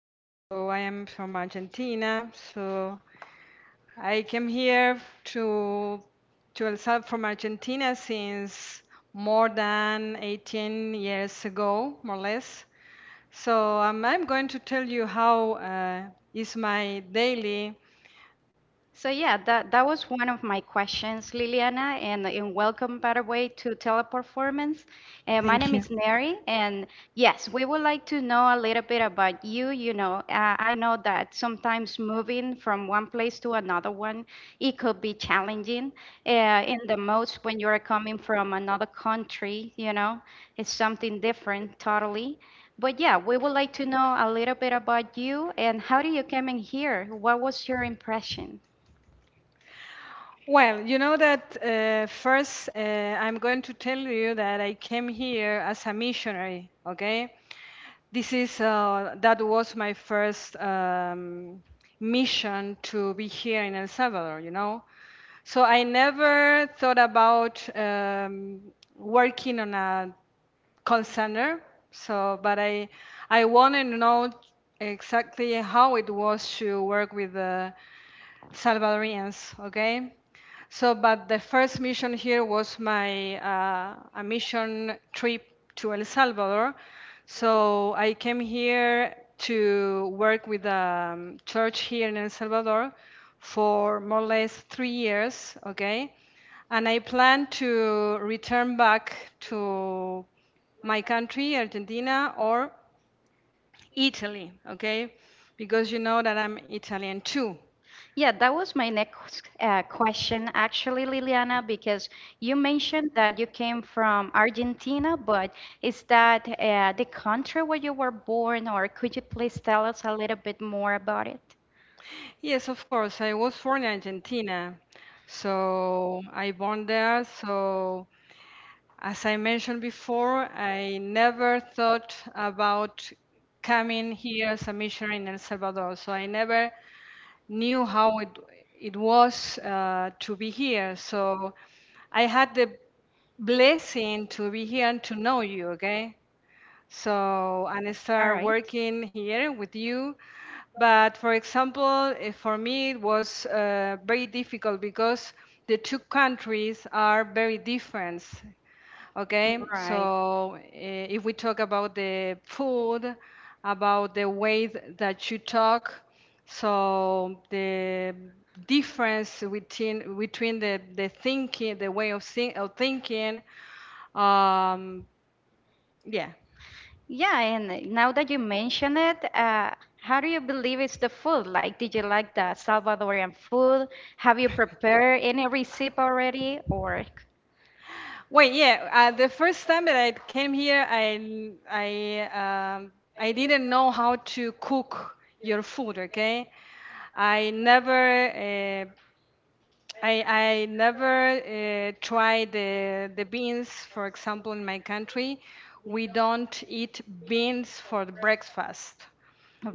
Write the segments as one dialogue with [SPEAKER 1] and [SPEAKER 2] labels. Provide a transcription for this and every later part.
[SPEAKER 1] So I am from Argentina. So I came here to to El Salvador from Argentina since more than 18 years ago, more or less. So I'm going to tell you how is my daily.
[SPEAKER 2] So yeah, that was one of my questions, Liliana, and welcome, by the way, to Teleperformance. My
[SPEAKER 1] Thank
[SPEAKER 2] name
[SPEAKER 1] you.
[SPEAKER 2] is Neri, and yes, we would like to know a little bit about you. You know, I know that sometimes moving from one place to another one, it could be challenging. In the most when you're coming from another country, you know, it's something different totally. But yeah, we would like to know a little bit about you and how did you come in here? What was your impression?
[SPEAKER 1] Well, you know that first I'm going to tell you that I came here as a missionary, okay? This is that was my first mission to be here in El Salvador, you know? So I never thought about working on a call center. So, but I want to know exactly how it was to work with the Salvadorians. Okay. So, but the first mission here was my a mission trip to El Salvador. So I came here to work with a church here in El Salvador for more or less 3 years. Okay, and I plan to return back to my country, Argentina, or Italy, okay? Because you know that I'm Italian too.
[SPEAKER 2] Yeah, that was my next question, actually, Liliana, because you mentioned that you came from Argentina, but is that the country where you were born, or could you please tell us a little bit more about it?
[SPEAKER 1] Yes, of course, I was born in Argentina. So I born there. So as I mentioned before, I never thought about coming here as a missionary in El Salvador. So I never knew how it was to be here. So I had the blessing to be here and to know you, okay? So, and I start working here with you. But for example, for me, it was very difficult because the two countries are very different. Okay,
[SPEAKER 2] Right.
[SPEAKER 1] so if we talk about the food, about the way that you talk, so the difference between the thinking, the way of, think, of thinking, um, yeah.
[SPEAKER 2] Yeah, and now that you mention it, how do you believe it's the food? Like, did you like the Salvadorian food? Have you prepared any recipe already? Or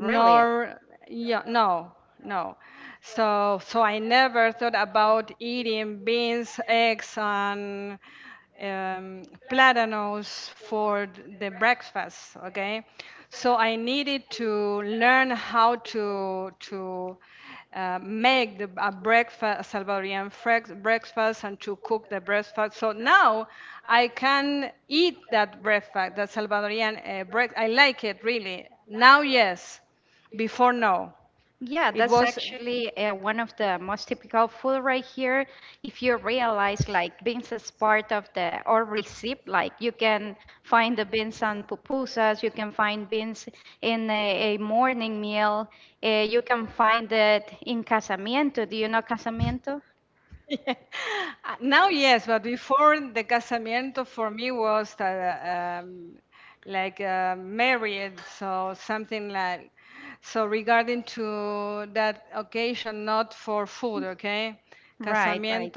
[SPEAKER 2] really? Yeah, that's actually one of the most typical food right here. If you realize like beans is part of the or recipe, like you can find the beans on pupusas, you can find beans in a morning meal, you can find it in casamiento. Do you know casamiento? Right, right.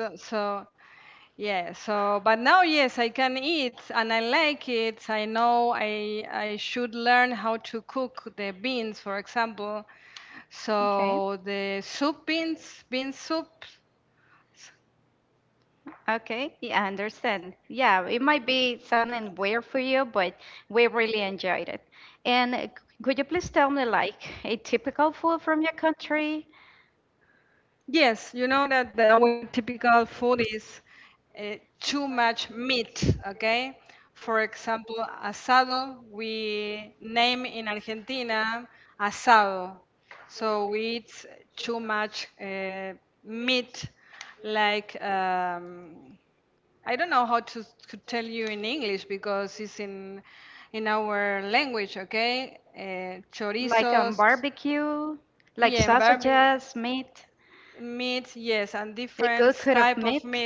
[SPEAKER 2] Okay. Okay, yeah, I understand. Yeah, it might be sounding weird for you, but we really enjoyed it. And could you please tell me, like, a typical food from your country? Barbecue, like yeah. Sausages, meat. A good could have met.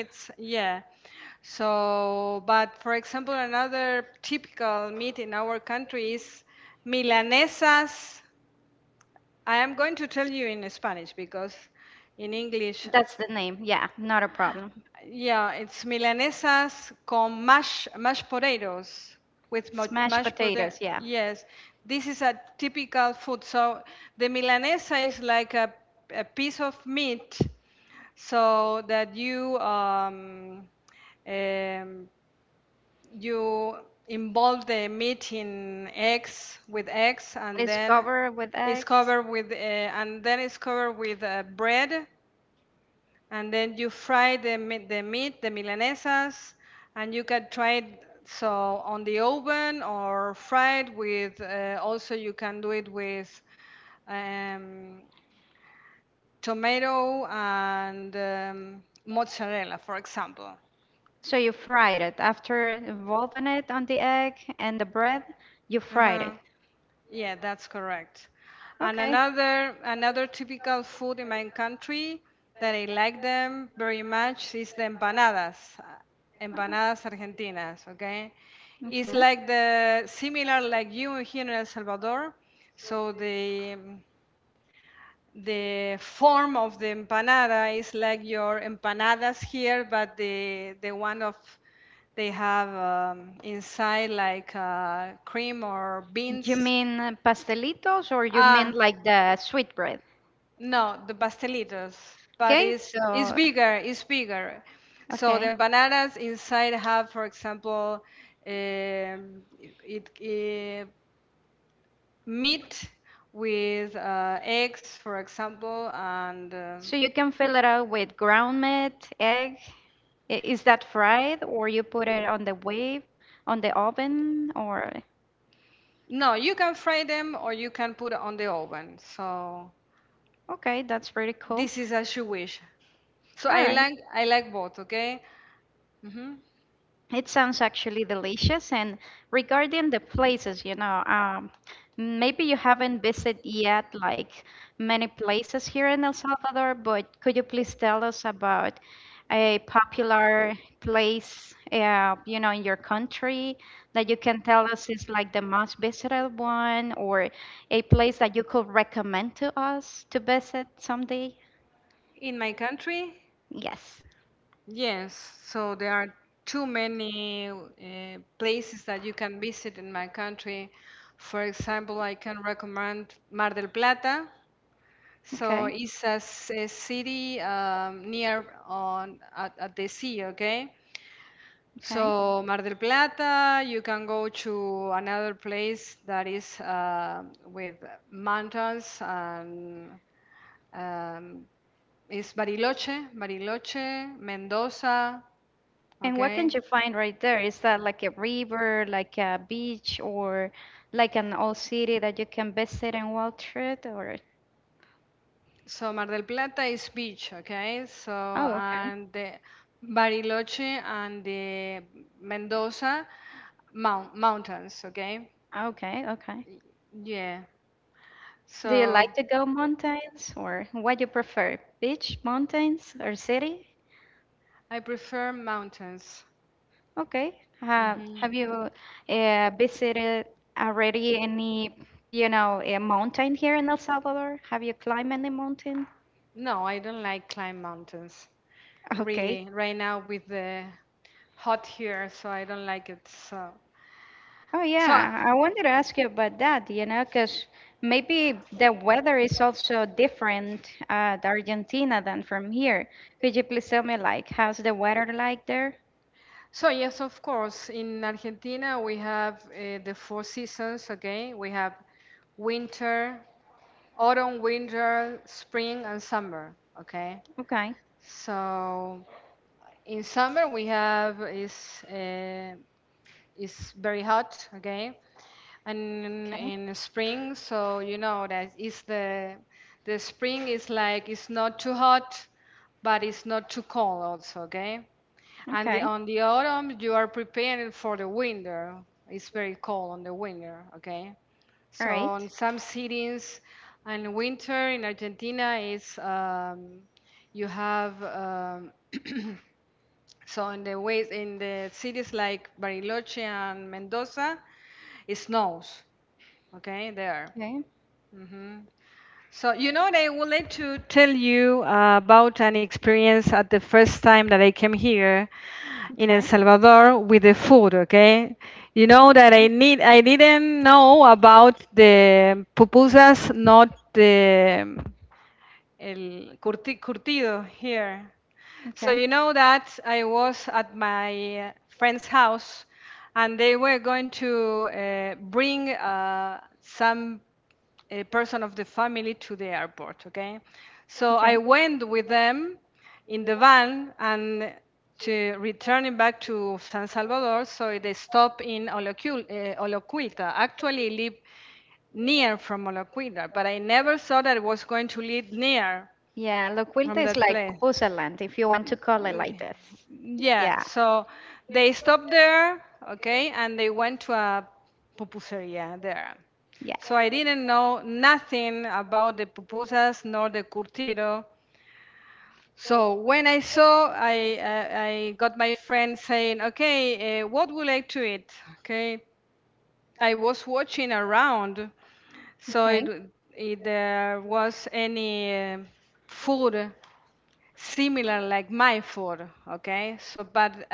[SPEAKER 2] That's the name. Yeah, not a problem. Smashed potatoes. Yeah. It's covered with eggs. So you fried it. After involving it on the egg and the bread, you fried it. Okay. Okay. You mean pastelitos or you mean like the sweet bread? Okay, so okay. So you can fill it out with ground meat, egg. Is that fried or you put it on the wave, on the oven or okay, that's pretty cool. All right. It sounds actually delicious. And regarding the places, you know, maybe you haven't visited yet like many places here in El Salvador, but could you please tell us about a popular place, you know, in your country that you can tell us is like the most visited one or a place that you could recommend to us to visit someday? Yes. Okay. Okay. And what can you find right there? Is that like a river, like a beach, or like an old city that you can visit and walk through it, or oh, okay. Okay, okay. Do you like to go mountains or what you prefer? Beach, mountains, or city? Okay. Have you visited already any, you know, a mountain here in El Salvador? Have you climbed any mountain? Okay. Oh yeah, I wanted to ask you about that, you know, because maybe the weather is also different at Argentina than from here. Could you please tell me like how's the weather like there? Okay. Okay. Okay. All right. Okay. Okay. Okay. Yeah, Loquilta is like pupusa land, if you want to call it like this. Yeah. Yeah. Okay.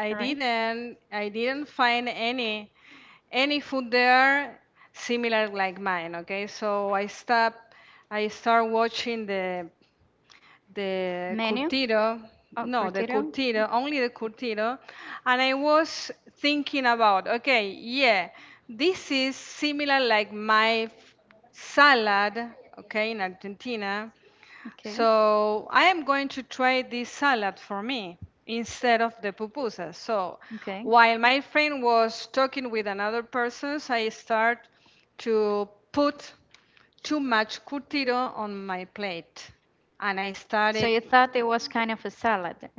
[SPEAKER 2] All right. Menu? Oh, Cortito? Okay. Okay. So you thought it was kind of a salad.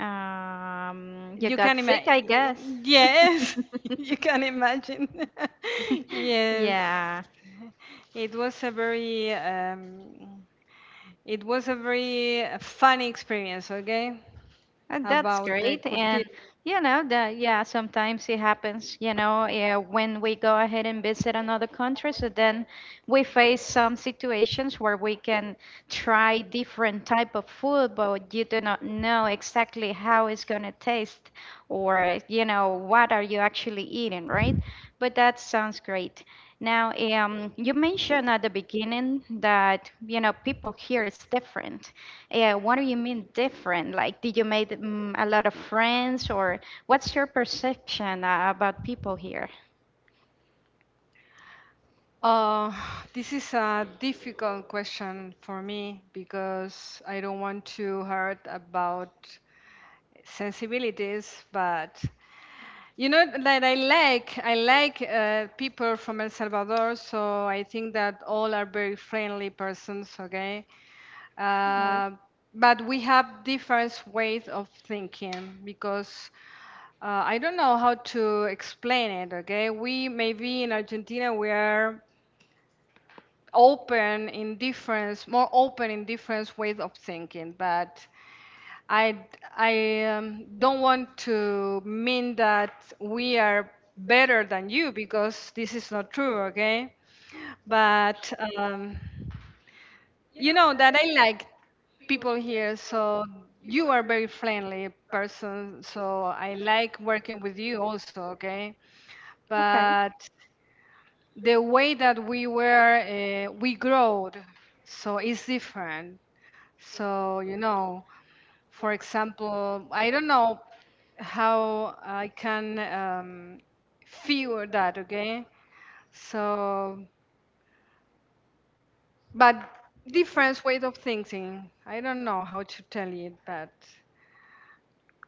[SPEAKER 2] You got sick, I guess. Yeah. And that's great. And you know that yeah, sometimes it happens, you know, yeah, when we go ahead and visit another country, so then we face some situations where we can try different type of food, but you do not know exactly how it's gonna taste or you know what are you actually eating, right? But that sounds great. Now, you mentioned at the beginning that you know people here is different. Yeah, what do you mean different? Like, did you make a lot of friends, or what's your perception about people here? All right. Okay.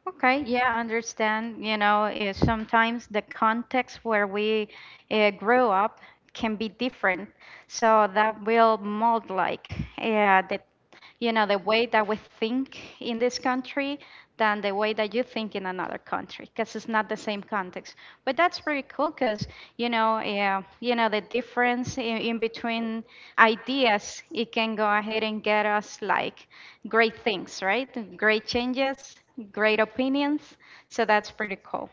[SPEAKER 2] Okay, yeah, I understand. You know, sometimes the context where we grow up can be different, so that will mold like the you know, the way that we think in this country than the way that you think in another country because it's not the same context. But that's pretty cool because you know, yeah, you know, the difference in between ideas, it can go ahead and get us like great things, right? Great changes, great opinions. So that's pretty cool.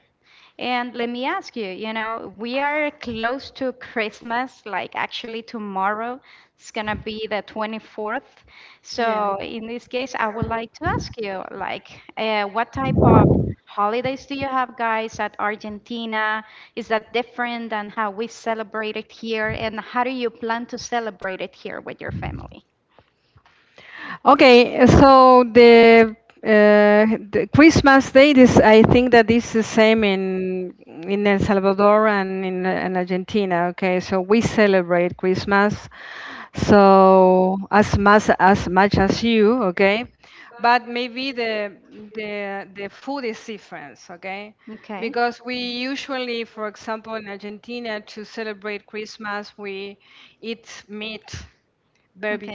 [SPEAKER 2] And let me ask you, you know, we are close to Christmas, like actually tomorrow it's gonna be the 24th. So in this case, I would like to ask you, like, what type of holidays do you have, guys, at Argentina? Is that different than how we celebrate it here? And how do you plan to celebrate it here with your family? Okay. Okay.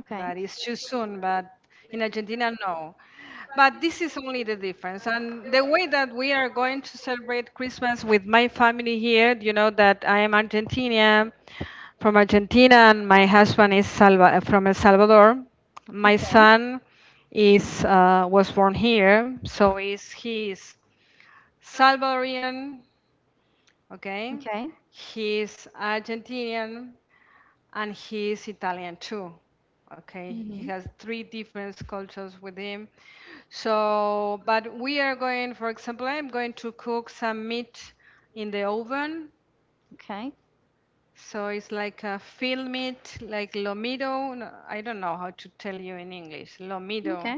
[SPEAKER 2] Okay. Okay. Okay. Hmm. Okay. Okay.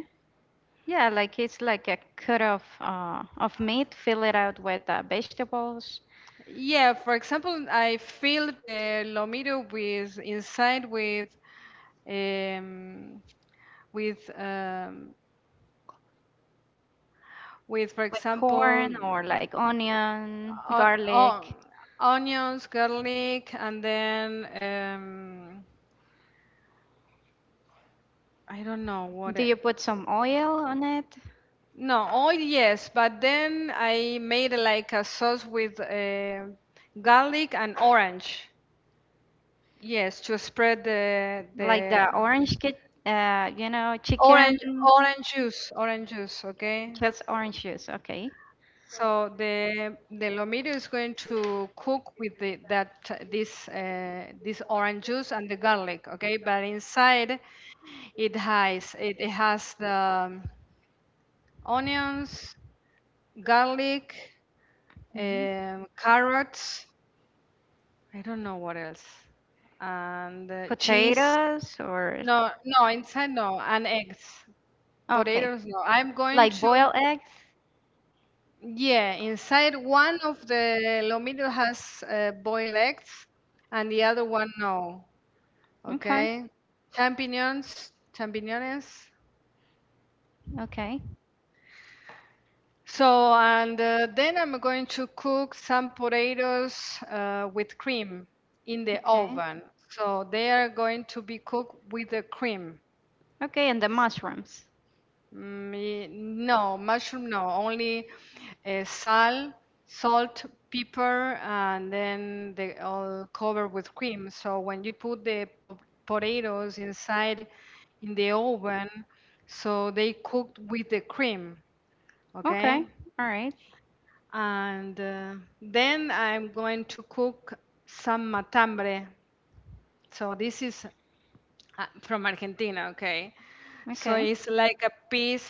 [SPEAKER 2] Yeah, like it's like a cut of meat, fill it out with vegetables, with corn or like onion, garlic. Do you put some oil on it? Yes, like the orange kit, you know, chicken, okay? Just orange juice, okay. Hmm. Potatoes or no, no, no, okay, like to boiled eggs. Okay, yes, okay, okay, okay, and the mushrooms. Yeah. Okay, all right. So okay. Like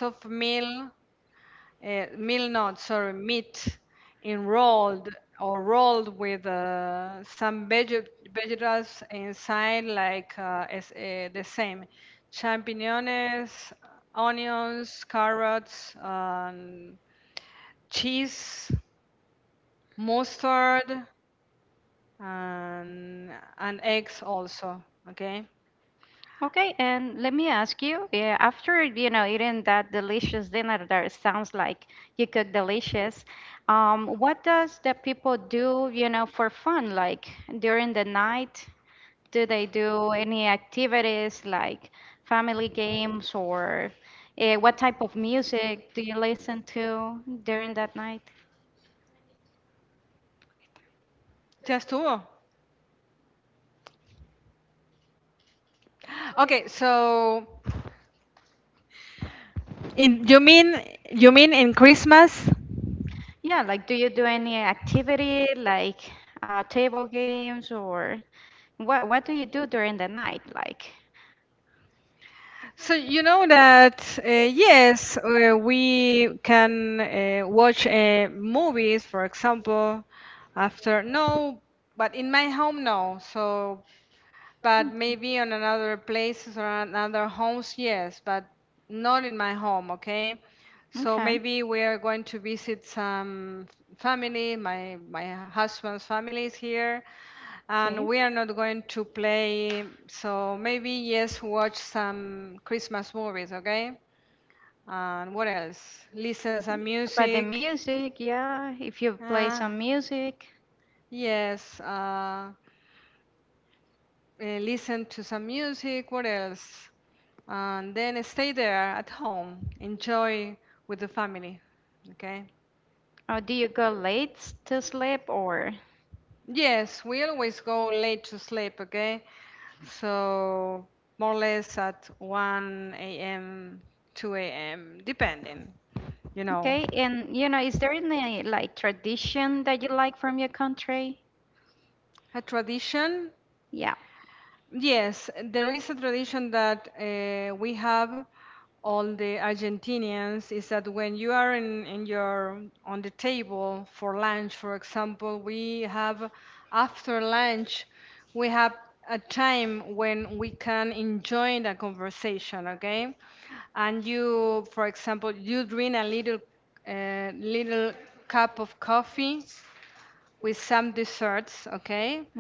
[SPEAKER 2] okay, and let me ask you, yeah, after, you know, eating that delicious dinner that sounds like you cook delicious, what does the people do, you know, for fun, like during the night? Do they do any activities like family games or what type of music do you listen to during that night? Yeah, like do you do any activity like table games or what do you do during the night like? Okay. Okay. Yeah. But the music, yeah, if you play some music, or do you go late to sleep or? Okay, and you know, is there any like tradition that you like from your country? Yeah.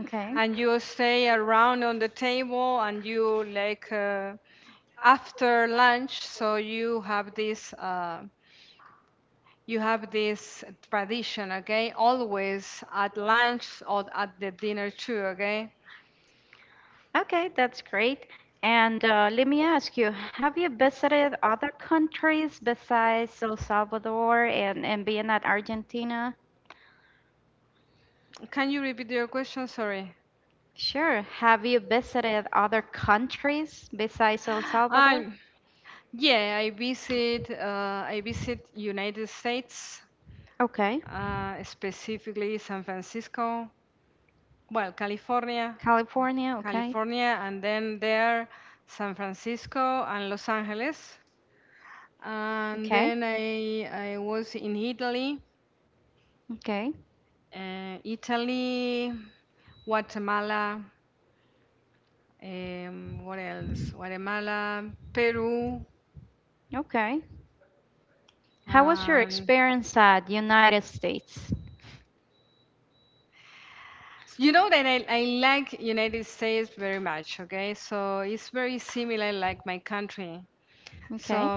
[SPEAKER 2] Okay. Okay, that's great. And let me ask you, have you visited other countries besides El Salvador and being at Argentina? Sure. Have you visited other countries besides El Salvador? Okay. California, okay. Okay. Okay. Okay. How was your experience at United States? Okay.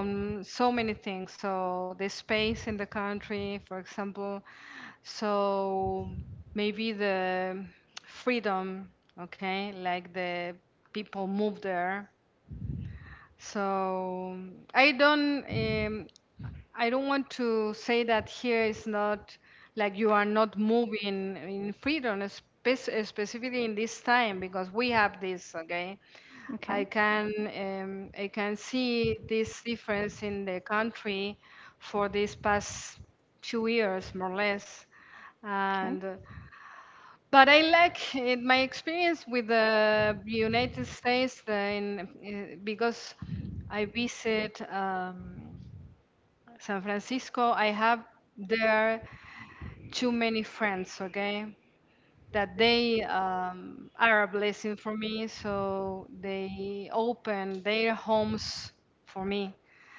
[SPEAKER 2] Okay. Okay.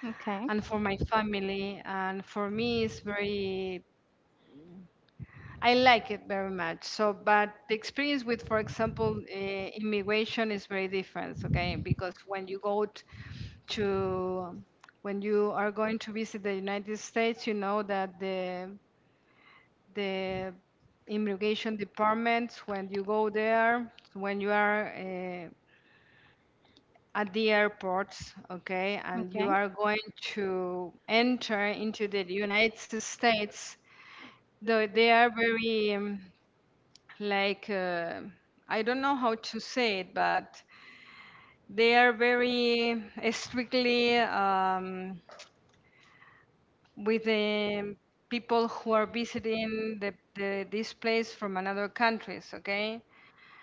[SPEAKER 2] Okay. Okay.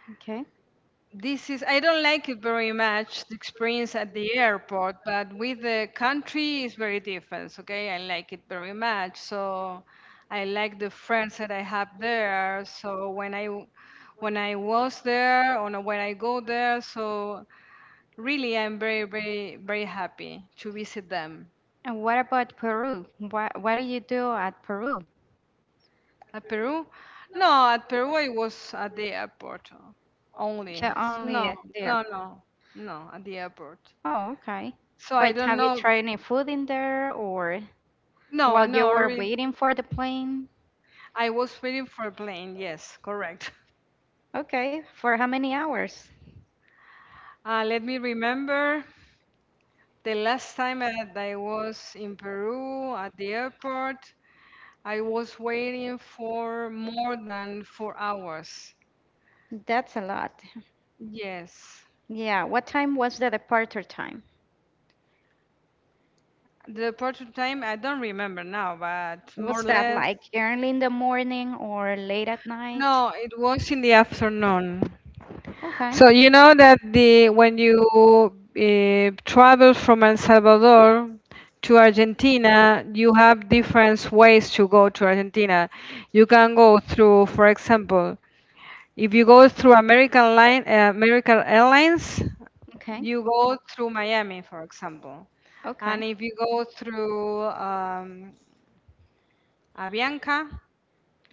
[SPEAKER 2] Okay. And what about Peru? What do you do at Peru? Only there. Oh, okay. But have you tried any food in there or while you were waiting for the plane? Okay, for how many hours? That's a lot. Yeah, what time was the departure time? Was that like early in the morning or late at night? Okay. Okay. Okay.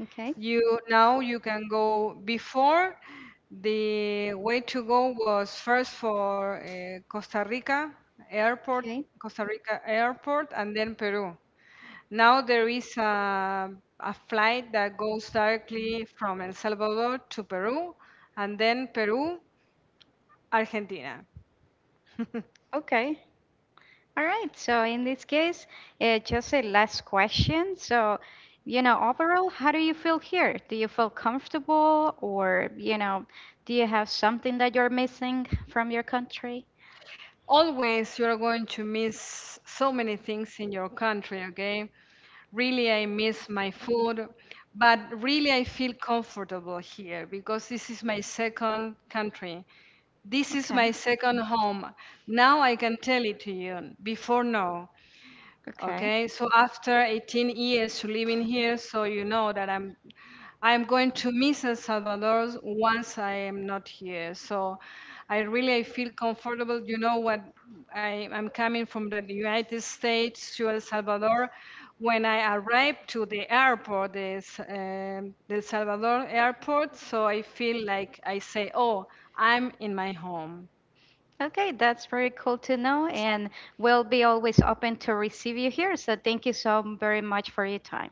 [SPEAKER 2] Okay. Okay. Okay. All right. So in this case, just a last question. So, you know, overall, how do you feel here? Do you feel comfortable, or you know, do you have something that you're missing from your country? Okay. Okay. Okay, that's very cool to know, and we'll be always open to receive you here. So thank you so very much for your time.